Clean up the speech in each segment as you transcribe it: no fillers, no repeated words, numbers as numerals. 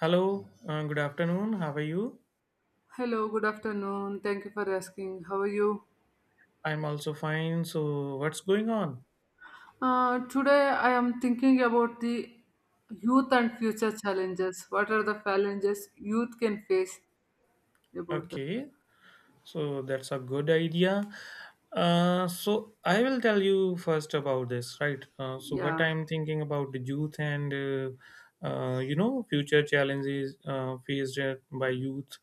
Hello, good afternoon. How are you? Hello, good afternoon. Thank you for asking. How are you? I'm also fine. So, what's going on? Today I am thinking about the youth and future challenges. What are the challenges youth can face about that? Okay. So that's a good idea. So I will tell you first about this, right? So what Yeah, I'm thinking about the youth and future challenges by youth.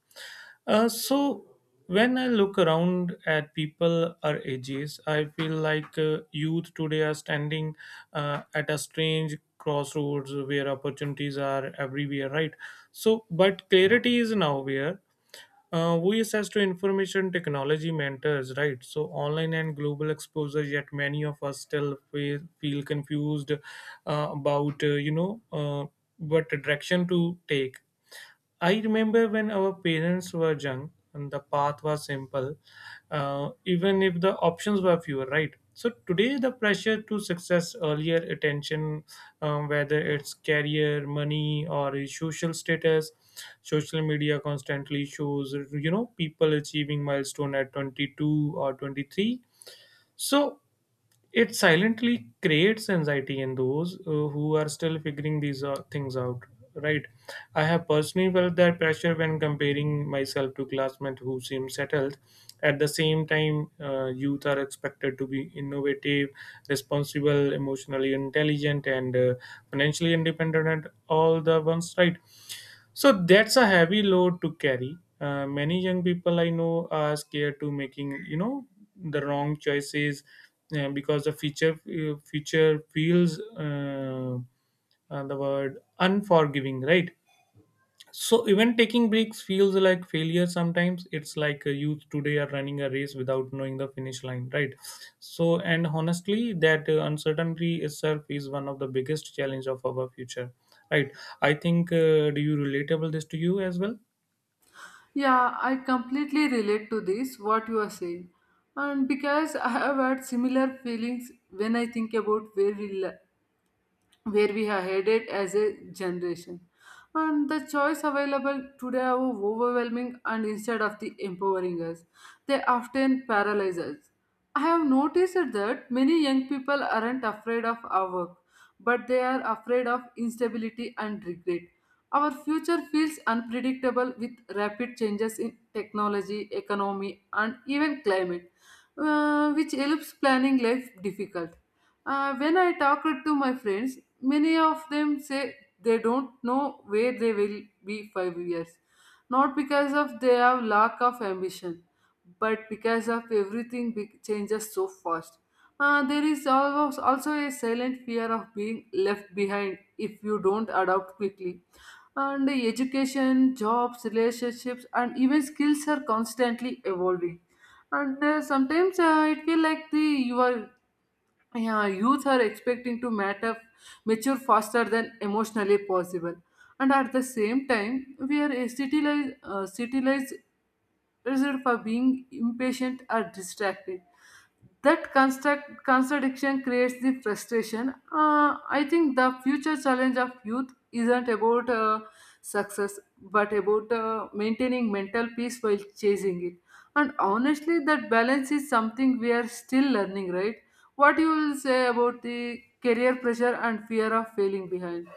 So when I look around at people our ages, I feel like youth today are standing at a strange crossroads where opportunities are everywhere, right? So, but clarity is nowhere, we access to information technology mentors, right? So online and global exposure. Yet many of us still feel confused about, what direction to take. I remember when our parents were young and the path was simple, even if the options were fewer, right? So today, the pressure to success, earlier attention, whether it's career, money, or social status, social media constantly shows, you know, people achieving milestone at 22 or 23. So it silently creates anxiety in those who are still figuring these things out, right? I have personally felt that pressure when comparing myself to classmates who seem settled. At the same time, youth are expected to be innovative, responsible, emotionally intelligent, and financially independent, and all the ones, right? So that's a heavy load to carry. Many young people I know are scared to making, you know, the wrong choices because the future feels the word unforgiving, right? So even taking breaks feels like failure sometimes. It's like a youth today are running a race without knowing the finish line, right? So and honestly, that uncertainty itself is one of the biggest challenge of our future, right? I think, do you relatable this to you as well? yeah, I completely relate to this what you are saying, and because I have had similar feelings when I think about where we are headed as a generation. And the choice available today are overwhelming and instead of the empowering us, they often paralyze us. I have noticed that many young people aren't afraid of our work, but they are afraid of instability and regret. Our future feels unpredictable with rapid changes in technology, economy, and even climate, which helps planning life difficult. When I talked to my friends, many of them say they don't know where they will be 5 years, not because of their lack of ambition, but because of changes so fast. There is always also a silent fear of being left behind if you don't adapt quickly. And the education, jobs, relationships, and even skills are constantly evolving. And sometimes it feel like the youth are expecting to matter mature faster than emotionally possible, and at the same time we are citilized for being impatient or distracted. That construct contradiction creates the frustration. I think the future challenge of youth isn't about success, but about maintaining mental peace while chasing it. And honestly, that balance is something we are still learning, right? What you will say about the career pressure and fear of failing behind?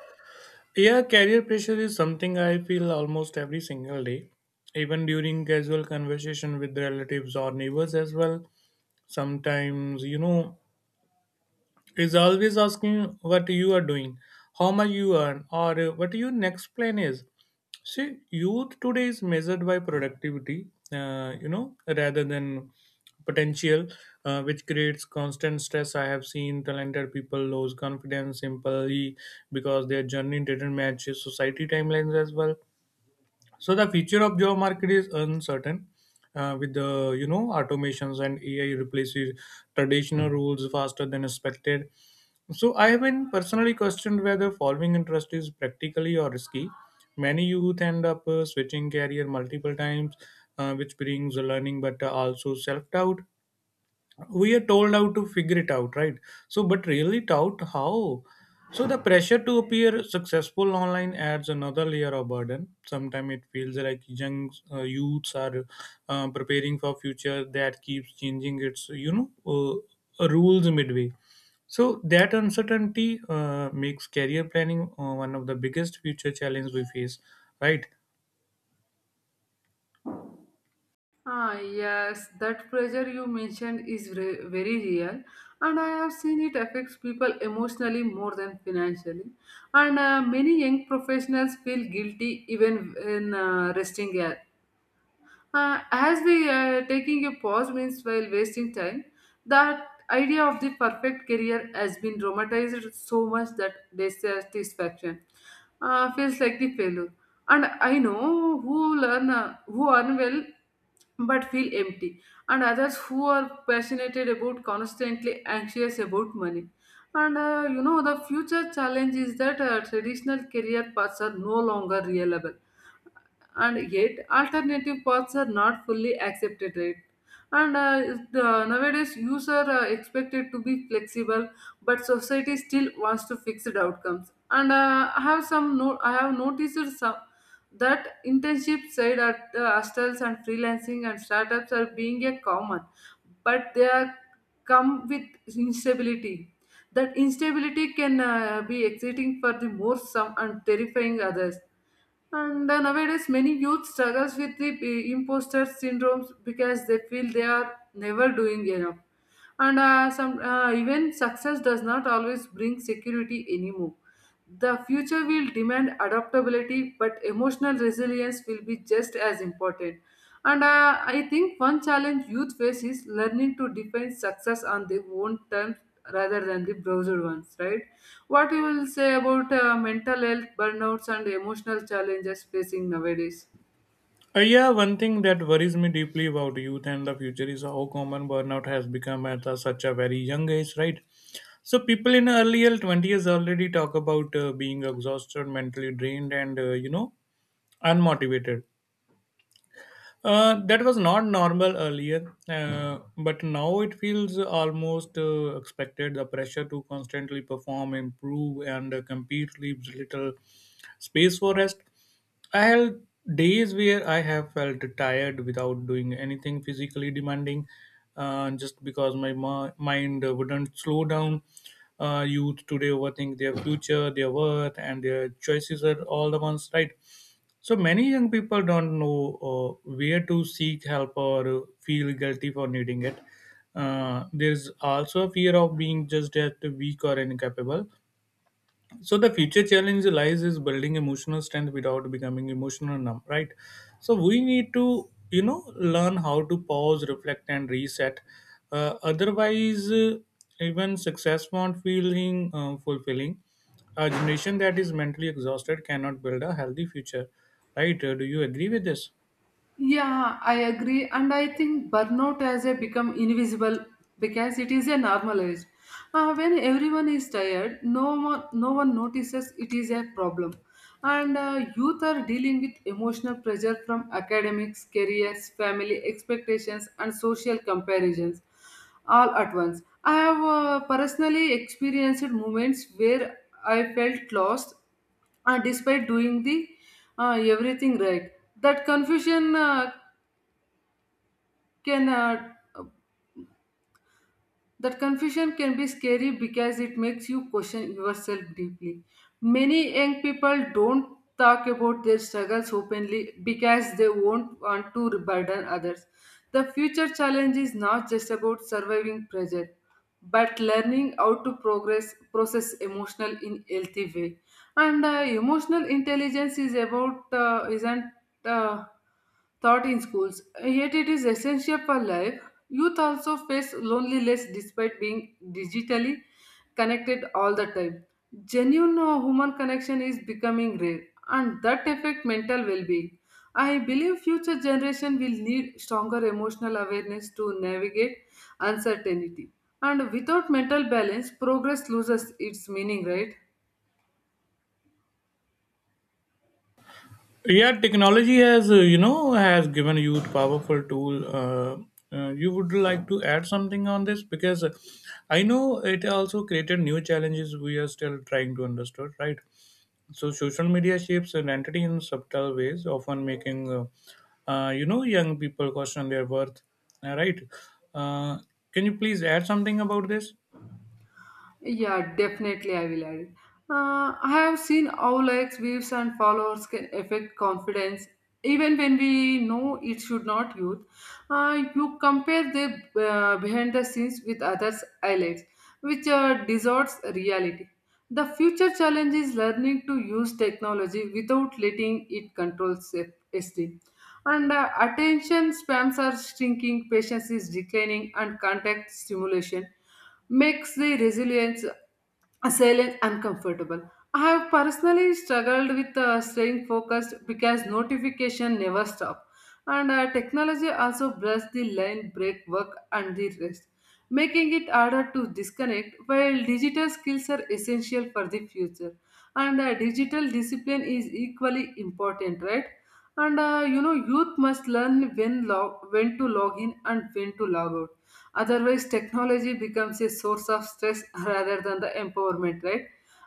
Yeah, career pressure is something I feel almost every single day, even during casual conversation with relatives or neighbors as well. Sometimes, you know, is always asking what you are doing, how much you earn, or what your next plan is. See, youth today is measured by productivity, you know, rather than potential, which creates constant stress. I have seen talented people lose confidence simply because their journey didn't match society timelines as well. So the future of job market is uncertain. With the, you know, automations and AI replaces traditional rules faster than expected. So I have been personally questioned whether following interest is practically or risky. Many youth end up switching career multiple times, which brings learning but also self doubt. We are told how to figure it out, right? So but really taught how. So the pressure to appear successful online adds another layer of burden. Sometimes it feels like young youths are preparing for future that keeps changing its, you know, rules midway. So that uncertainty makes career planning one of the biggest future challenges we face, right. Ah, yes, that pressure you mentioned is very real, and I have seen it affects people emotionally more than financially. And many young professionals feel guilty even when resting, as we taking a pause means while wasting time. That idea of the perfect career has been dramatized so much that dissatisfaction feels like the failure. And I know who learn who earn well but feel empty, and others who are passionate about constantly anxious about money. And the future challenge is that traditional career paths are no longer reliable, and yet alternative paths are not fully accepted, right? And nowadays youths are expected to be flexible, but society still wants to fixed outcomes. And I have some no- I have noticed some that internship side at hostels and freelancing and startups are being a common, but they are come with instability. That instability can be exciting for the more some and terrifying others. And nowadays, many youth struggles with the imposter syndromes because they feel they are never doing enough. And some even success does not always bring security anymore. The future will demand adaptability, but emotional resilience will be just as important. And I think one challenge youth face is learning to define success on their own terms rather than the browser ones, right? What you will say about mental health, burnouts, and emotional challenges facing nowadays? Yeah, one thing that worries me deeply about youth and the future is how common burnout has become at a, such a very young age, right? So people in earlier twenties already talk about being exhausted, mentally drained, and, you know, unmotivated. That was not normal earlier, but now it feels almost expected. The pressure to constantly perform, improve, and compete leaves little space for rest. I had days where I have felt tired without doing anything physically demanding, just because mind wouldn't slow down. Youth today overthink their future, their worth, and their choices are all the ones, right? So many young people don't know where to seek help or feel guilty for needing it. There's also a fear of being just that weak or incapable. So the future challenge lies is building emotional strength without becoming emotional numb, right? So we need to, you know, learn how to pause, reflect and reset. Otherwise, even success won't feeling fulfilling. A generation that is mentally exhausted cannot build a healthy future, right? Do you agree with this? Yeah, I agree. And I think burnout has a become invisible because it is a normalized. When everyone is tired, no one notices it is a problem. And youth are dealing with emotional pressure from academics, careers, family expectations, and social comparisons all at once. I have personally experienced moments where I felt lost, despite doing the everything right. that confusion uh, can uh, That confusion can be scary because it makes you question yourself deeply. Many young people don't talk about their struggles openly because they won't want to burden others. The future challenge is not just about surviving present, but learning how to progress process emotional in healthy way. And emotional intelligence is about isn't uh, taught in schools, yet it is essential for life. Youth also face loneliness despite being digitally connected all the time. Genuine human connection is becoming rare, and that affects mental well-being. I believe future generation will need stronger emotional awareness to navigate uncertainty. And without mental balance, progress loses its meaning, right? Yeah, technology has, uh, has given youth powerful tool. You would like to add something on this, because I know it also created new challenges we are still trying to understand, right? So social media shapes identity in subtle ways, often making, uh, young people question their worth, right? Uh, can you please add something about this? Yeah, definitely I will add it. I have seen how likes, views, and followers can affect confidence, even when we know it should not youth. You compare the behind the scenes with others' highlights, which distorts reality. The future challenge is learning to use technology without letting it control self-esteem. And attention spans are shrinking, patience is declining, and contact stimulation makes the resilience silent uncomfortable. I have personally struggled with staying focused because notification never stop, and technology also blurs the line break work and the rest, making it harder to disconnect. While digital skills are essential for the future, and digital discipline is equally important, right? And youth must learn when to log in and when to log out. Otherwise, technology becomes a source of stress rather than the empowerment, right?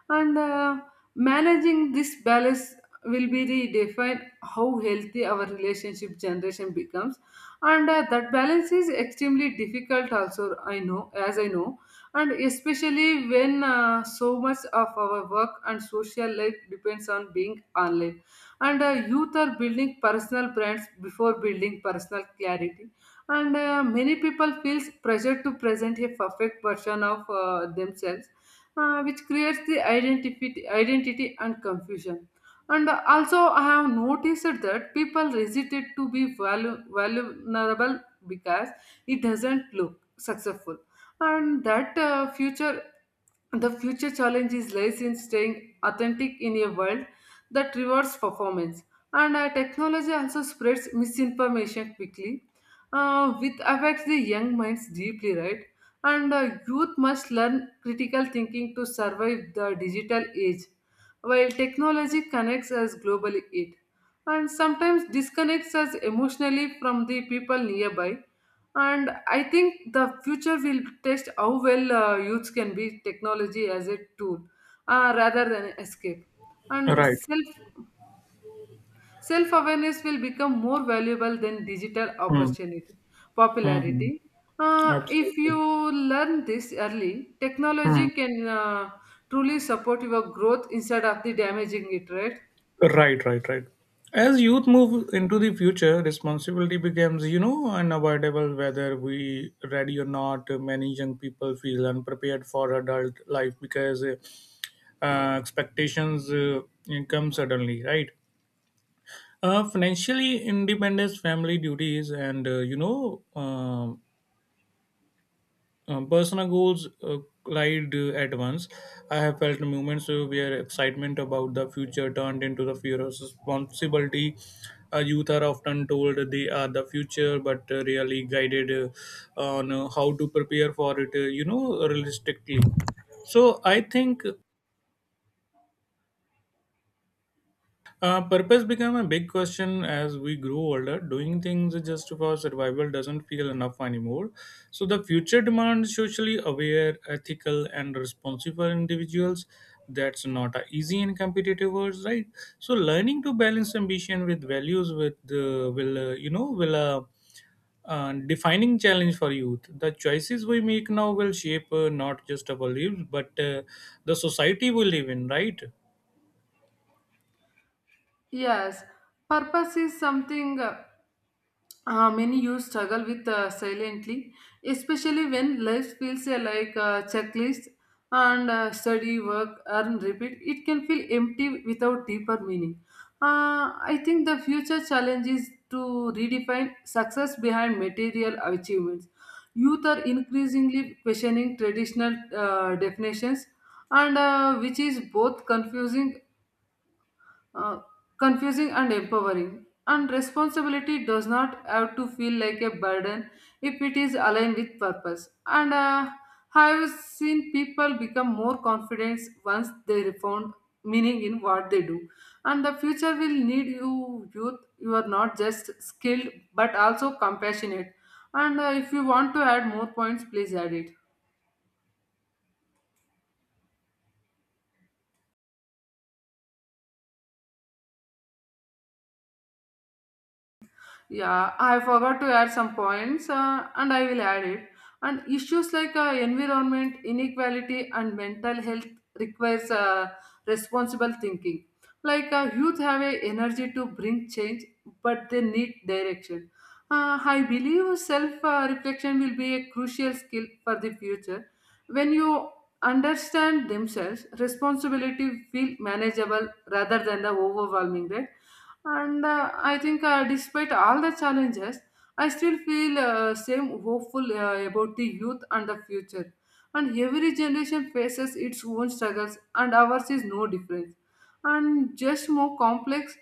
And Managing this balance will be the define how healthy our relationship generation becomes. And that balance is extremely difficult also, I know as I know, and especially when so much of our work and social life depends on being online. And youth are building personal brands before building personal clarity. And many people feels pressure to present a perfect version of themselves, which creates the identity and confusion. And also, I have noticed that people hesitate to be vulnerable because it doesn't look successful. And that uh, future the future challenge is lies in staying authentic in a world that rewards performance. And technology also spreads misinformation quickly, which affects the young minds deeply, right? And youth must learn critical thinking to survive the digital age, while technology connects us globally. It and sometimes disconnects us emotionally from the people nearby. And I think the future will test how well youth can be technology as a tool rather than escape. And Right. self Self awareness will become more valuable than digital Hmm. opportunity, Hmm. Hmm. popularity. If you Absolutely. learn this early, Hmm. technology can truly support your growth instead of the damaging it, right? Right, right, right. As youth move into the future, responsibility becomes, you know, unavoidable whether we ready or not. Many young people feel unprepared for adult life because expectations come suddenly, right? Financially independence, family duties, and, you know, personal goals collide at once. I have felt moments where excitement about the future turned into the fear of responsibility. Youth are often told they are the future, but really guided on how to prepare for it, you know, realistically. So I think. Purpose became a big question as we grew older. Doing things just for survival doesn't feel enough anymore. So the future demands socially aware, ethical, and responsible individuals. That's not a easy in competitive world, right? So learning to balance ambition with values with will you know will. Defining challenge for youth. The choices we make now will shape, not just our lives, but the society we live in, right? Yes, purpose is something. Many youth struggle with silently, especially when life feels like a checklist, and study, work, earn, repeat. It can feel empty without deeper meaning. I think the future challenge is to redefine success behind material achievements. Youth are increasingly questioning traditional definitions, and which is both uh, confusing and empowering. And responsibility does not have to feel like a burden if it is aligned with purpose. And I have seen people become more confident once they found meaning in what they do. And the future will need you, youth. You are not just skilled but also compassionate. And if you want to add more points, please add it. Yeah, I forgot to add some points and I will add it. And issues like environment, inequality, and mental health requires responsible thinking. Like youth have a energy to bring change, but they need direction. I believe self reflection will be a crucial skill for the future. When you understand themselves, responsibility feel manageable rather than the overwhelming, right? And I think despite all the challenges, I still feel same hopeful about the youth and the future. And every generation faces its own struggles and ours is no different, and just more complex.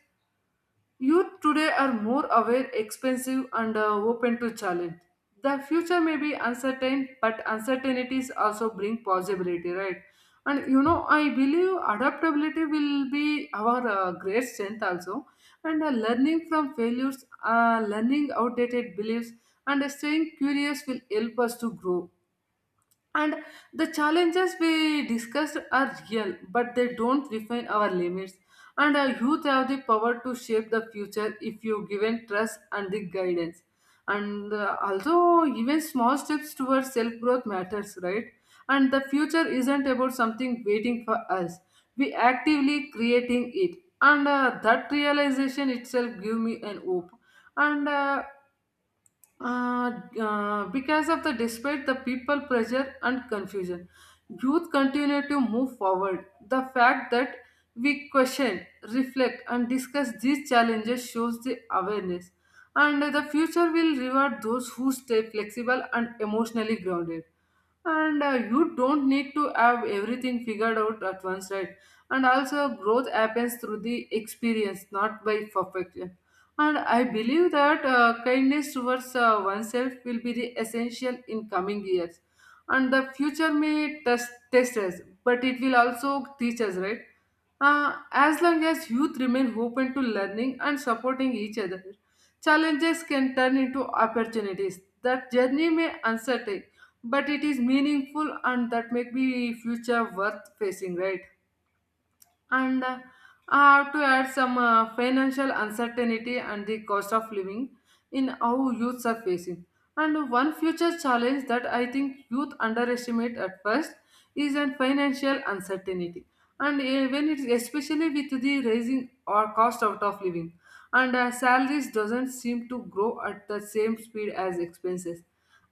Youth today are more aware, expensive, and open to challenge. The future may be uncertain, but uncertainties also bring possibility, right? And you know, I believe adaptability will be our great strength also. And learning from failures, learning outdated beliefs, and staying curious will help us to grow. And the challenges we discussed are real, but they don't define our limits. And our youth have the power to shape the future if you given trust and the guidance. And also, even small steps towards self growth matters, right? And the future isn't about something waiting for us. We actively creating it, and that realization itself give me an hope. And uh, because of the despite the people pressure and confusion, youth continue to move forward. The fact that we question, reflect, and discuss these challenges shows the awareness. And the future will reward those who stay flexible and emotionally grounded, and you don't need to have everything figured out at once, right? And also growth happens through the experience, not by perfection. And I believe that kindness towards oneself will be the essential in coming years. And the future may test us, but it will also teach us, right? As long as youth remain open to learning and supporting each other, challenges can turn into opportunities. That journey may uncertain, but it is meaningful, and that make the future worth facing, right? and I have to add some financial uncertainty and the cost of living in how youths are facing. And one future challenge that I think youth underestimate at first is a financial uncertainty. And when it's especially with the rising or cost out of living, and salaries doesn't seem to grow at the same speed as expenses,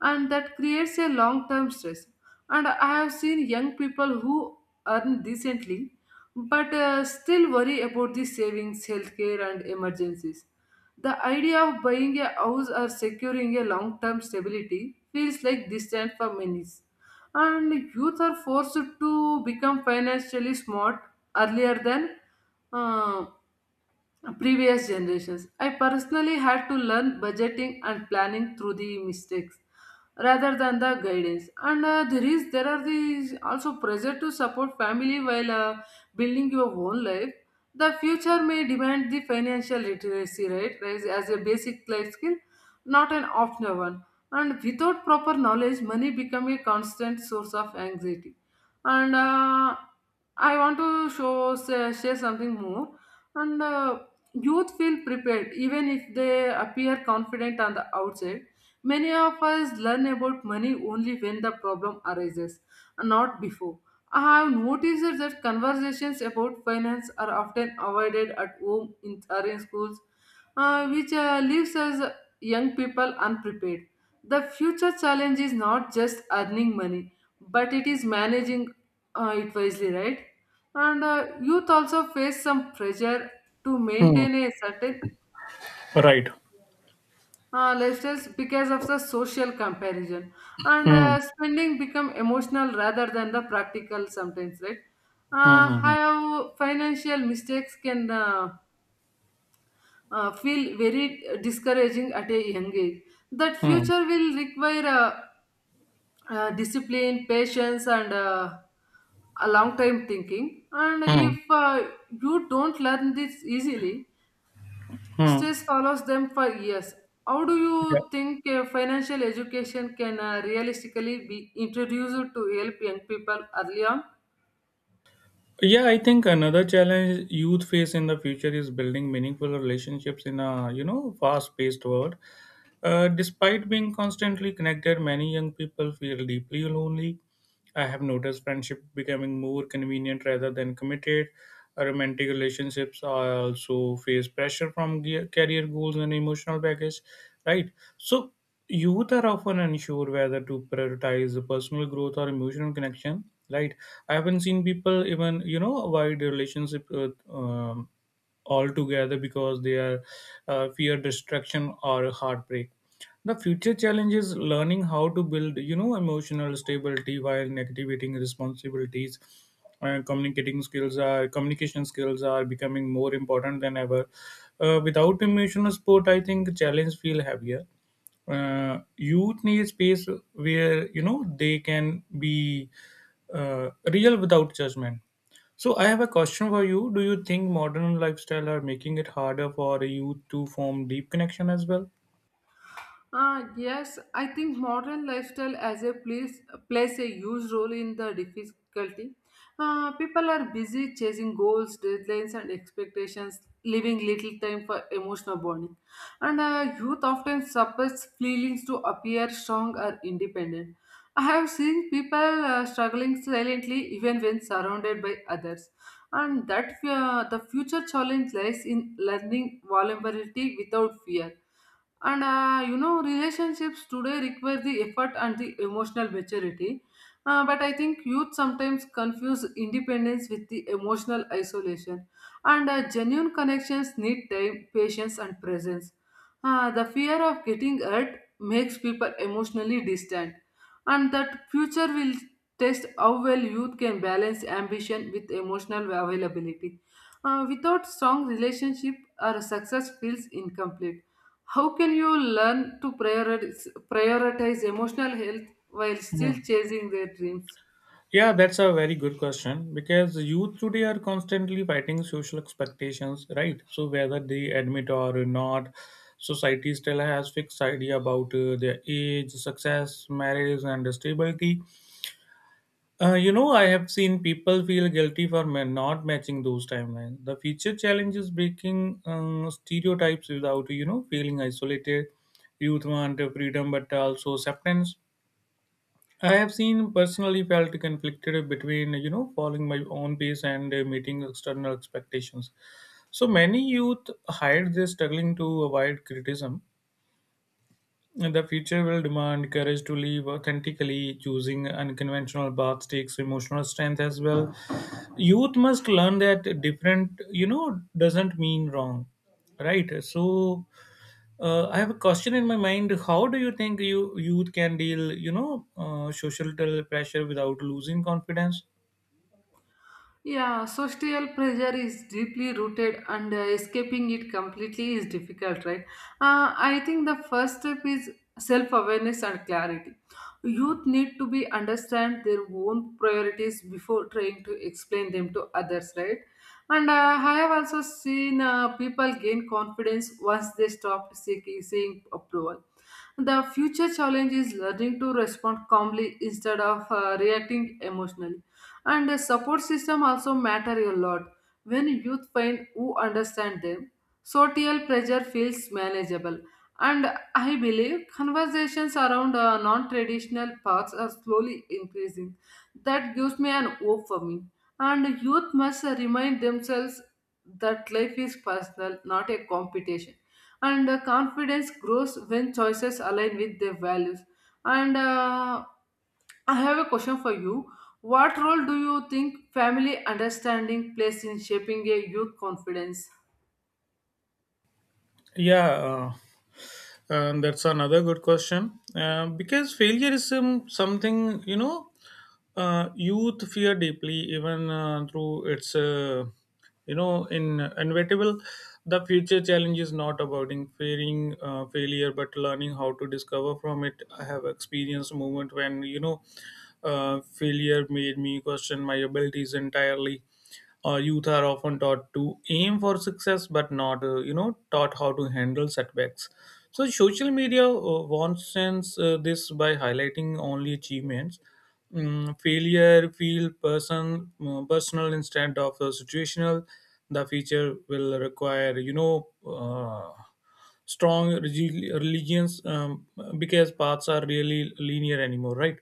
and that creates a long-term stress. And I have seen young people who earn decently, but still worry about the savings, healthcare, and emergencies. The idea of buying a house or securing a long term stability feels like distant for many. And youth are forced to become financially smart earlier than uh, previous generations. I personally had to learn budgeting and planning through the mistakes rather than the guidance. And there are these also pressure to support family while building your own life. The future may demand the financial literacy, right, rise as a basic life skill, not an optional one. And without proper knowledge, money become a constant source of anxiety. And I want to share something more. And Youth feel prepared even if they appear confident on the outside. Many of us learn about money only when the problem arises, not before. I have noticed that conversations about finance are often avoided at home in, or in schools, which leaves us young people unprepared. The future challenge is not just earning money, but it is managing it wisely, right? And youth also face some pressure to Hmm. maintain a certain Right. Less stress because of the social comparison, and Hmm. Spending become emotional rather than the practical sometimes, right? Hmm, hmm, How financial mistakes can feel very discouraging at a young age. That hmm, future will require discipline patience and a long time thinking, and hmm, hmm. if you don't learn this easily, Hmm. stress follows them for years. How do Yeah. you think financial education can realistically be introduced to help young people early on? Yeah, I think another challenge youth face in the future is building meaningful relationships in a, you know, fast-paced world. Despite being constantly connected, many young people feel deeply lonely. I have noticed friendship becoming more convenient rather than committed. Romantic relationships are also face pressure from career goals and emotional baggage, right? So youth are often unsure whether to prioritize personal growth or emotional connection, right? I haven't seen people even, you know, avoid relationship, um, altogether, because they are fear destruction or heartbreak. The future challenge is learning how to build, you know, emotional stability while negating responsibilities, and communicating skills are communication skills are becoming more important than ever. Uh, without emotional support I think challenge feel heavier. Uh, youth need space where, you know, they can be real without judgment. So I have a question for you: do you think modern lifestyle are making it harder for youth to form deep connection as well? Yes, I think modern lifestyle as a place plays a huge role in the difficulty. People are busy chasing goals, deadlines, and expectations, leaving little time for emotional bonding. And youth often suppress feelings to appear strong or independent. I have seen people struggling silently even when surrounded by others, and that the future challenge lies in learning vulnerability without fear. And you know, relationships today require the effort and the emotional maturity. But I think youth sometimes confuse independence with the emotional isolation. And genuine connections need time, patience, and presence. The fear of getting hurt makes people emotionally distant, and that future will test how well youth can balance ambition with emotional availability. Without strong relationship, our success feels incomplete. How can you learn to prioritize emotional health while Yeah. still chasing their dreams? Yeah, that's a very good question, because youth today are constantly fighting social expectations, right? So whether they admit or not, society still has fixed idea about their age, success, marriage, and stability. You know, I have seen people feel guilty for not matching those timelines. The future challenge is breaking stereotypes without, you know, feeling isolated. Youth want freedom, but also acceptance. I have seen personally felt conflicted between, you know, following my own pace and meeting external expectations. So many youth hide their struggling to avoid criticism. The future will demand courage to live authentically. Choosing unconventional paths takes emotional strength as well. Youth must learn that different, you know, doesn't mean wrong, right? So I have a question in my mind: how do you think you youth can deal, you know, social pressure without losing confidence? Yeah, social pressure is deeply rooted, and escaping it completely is difficult, right? I think the first step is self awareness and clarity. Youth need to be understand their own priorities before trying to explain them to others, right? And I have also seen people gain confidence once they stopped seeing approval. The future challenge is learning to respond calmly instead of reacting emotionally, and the support system also matter a lot. When youth find who understand them, social pressure feels manageable, and I believe conversations around non-traditional paths are slowly increasing. That gives me an hope for me, and youth must remind themselves that life is personal, not a competition, and confidence grows when choices align with their values. And I have a question for you. What role do you think family understanding plays in shaping a youth confidence? yeah uh, that's another good question. Because failure is something, you know, youth fear deeply, even through its, uh, in inevitable. The future challenge is not about in fearing failure, but learning how to discover from it. I have experienced moment when, you know, failure made me question my abilities entirely. Youth are often taught to aim for success, but not, you know, taught how to handle setbacks. So social media wants sense this by highlighting only achievements. Mm, failure feel personal instead of situational. The feature will require, you know. Strong religions because paths are really linear anymore, right?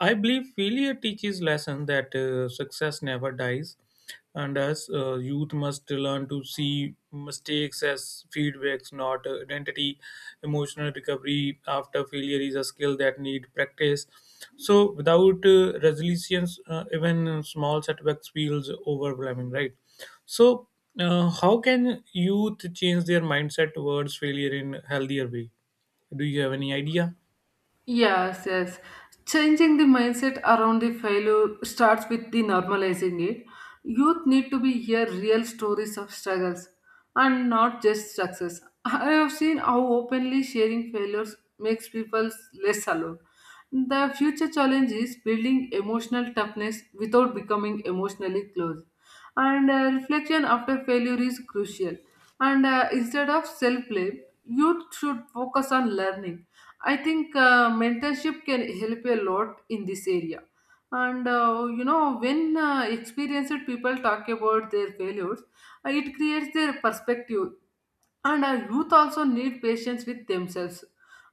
I believe failure teaches lesson that success never dies, and as youth must learn to see mistakes as feedbacks, not identity. Emotional recovery after failure is a skill that need practice. So without resilience even small setbacks feels overwhelming, right? So, how can youth change their mindset towards failure in healthier way? Do you have any idea? Yes, yes. Changing the mindset around the failure starts with the normalizing it. Youth need to be hear real stories of struggles and not just success. I have seen how openly sharing failures makes people less alone. The future challenge is building emotional toughness without becoming emotionally closed. And reflection after failure is crucial. And instead of self blame, youth should focus on learning. I think mentorship can help a lot in this area. And you know, when experienced people talk about their failures, it creates their perspective, and our youth also need patience with themselves.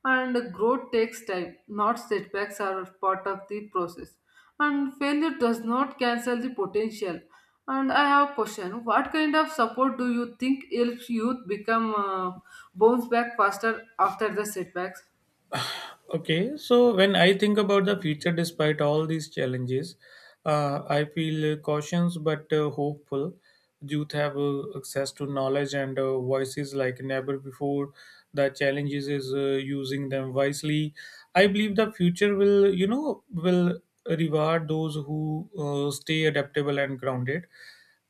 And growth takes time, not setbacks are part of the process. And failure does not cancel the potential. And I have a question. What kind of support do you think helps youth become bounce back faster after the setbacks? Okay, so when I think about the future, despite all these challenges, I feel cautious but hopeful. Youth have access to knowledge and voices like never before. The challenges is using them wisely. I believe the future will reward those who stay adaptable and grounded.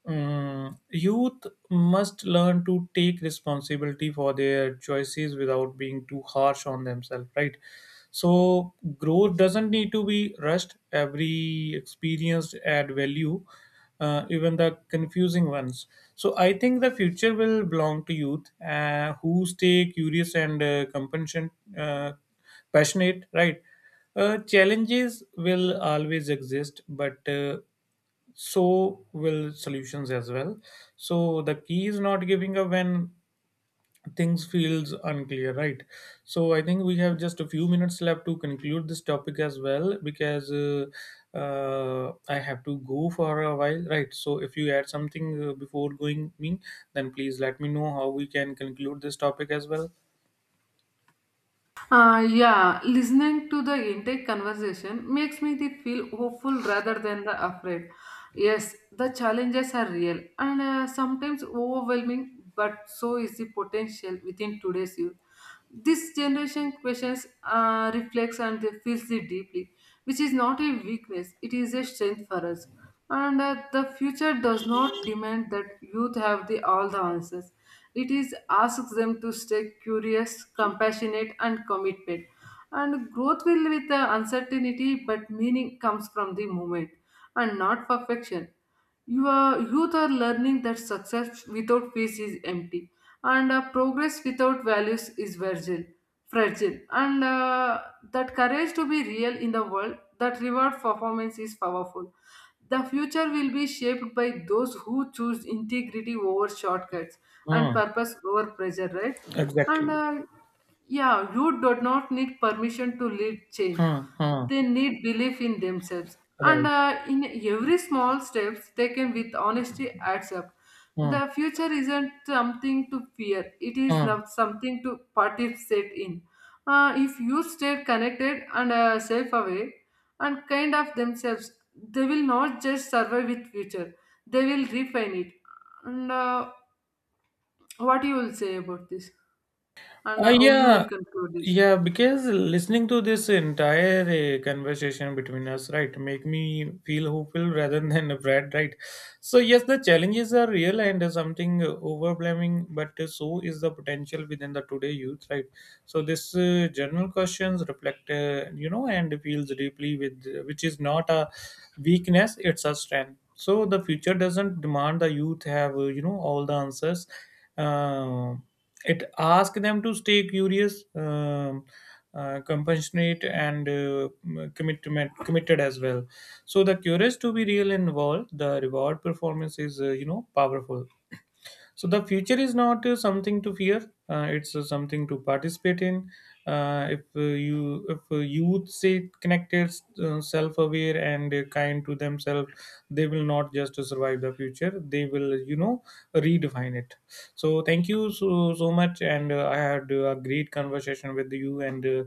Mm, youth must learn to take responsibility for their choices without being too harsh on themselves, right? So, growth doesn't need to be rushed. Every experience add value, even the confusing ones. So, I think the future will belong to youth who stay curious and, uh, passionate, right? Challenges will always exist, but so will solutions as well. So the key is not giving up when things feels unclear, right? So I think we have just a few minutes left to conclude this topic as well, because I have to go for a while, right? So if you add something before going me, then please let me know how we can conclude this topic as well. Yeah, listening to the intake conversation makes me the feel hopeful rather than the afraid. Yes, the challenges are real and sometimes overwhelming, but so is the potential within today's youth. This generation questions, reflects, and they feels it deeply, which is not a weakness, it is a strength for us. And the future does not demand that youth have the, all the answers. It is asks them to stay curious, compassionate, and committed. And growth will with the uncertainty, but meaning comes from the moment and not perfection. You Youth are learning that success without peace is empty, and progress without values is fragile, and that courage to be real in the world that reward performance is powerful. The future will be shaped by those who choose integrity over shortcuts and Hmm. purpose over pressure, right? and Exactly. Yeah, you do not need permission to lead change. Hmm, hmm. They need belief in themselves, and Right. In every small steps taken with honesty adds up. Hmm, The future isn't something to fear, it is hmm. not something to participate in. If you stay connected and safe away and kind of themselves, they will not just survive with future, they will refine it. And what you will say about this, and Uh, how you yeah will conclude this. Yeah, because listening to this entire conversation between us, right, make me feel hopeful rather than afraid, right? So yes, the challenges are real and something overwhelming, but so is the potential within the today youth, right? So this general questions reflect, you know, and feels deeply with, which is not a weakness; it's a strength. So the future doesn't demand the youth have, you know, all the answers. Um, it asks them to stay curious, compassionate and, commitment committed as well. So the courage to be real involved the reward performance is, uh, powerful. So the future is not something to fear. It's something to participate in. If youth say connected, self-aware, and kind to themselves, they will not just survive the future. They will, you know, redefine it. So thank you so so much, and I had a great conversation with you, and uh,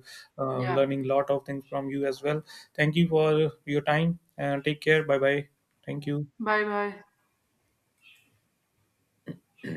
uh, Yeah. learning lot of things from you as well. Thank you for your time. And take care. Bye bye. Thank you. Bye bye.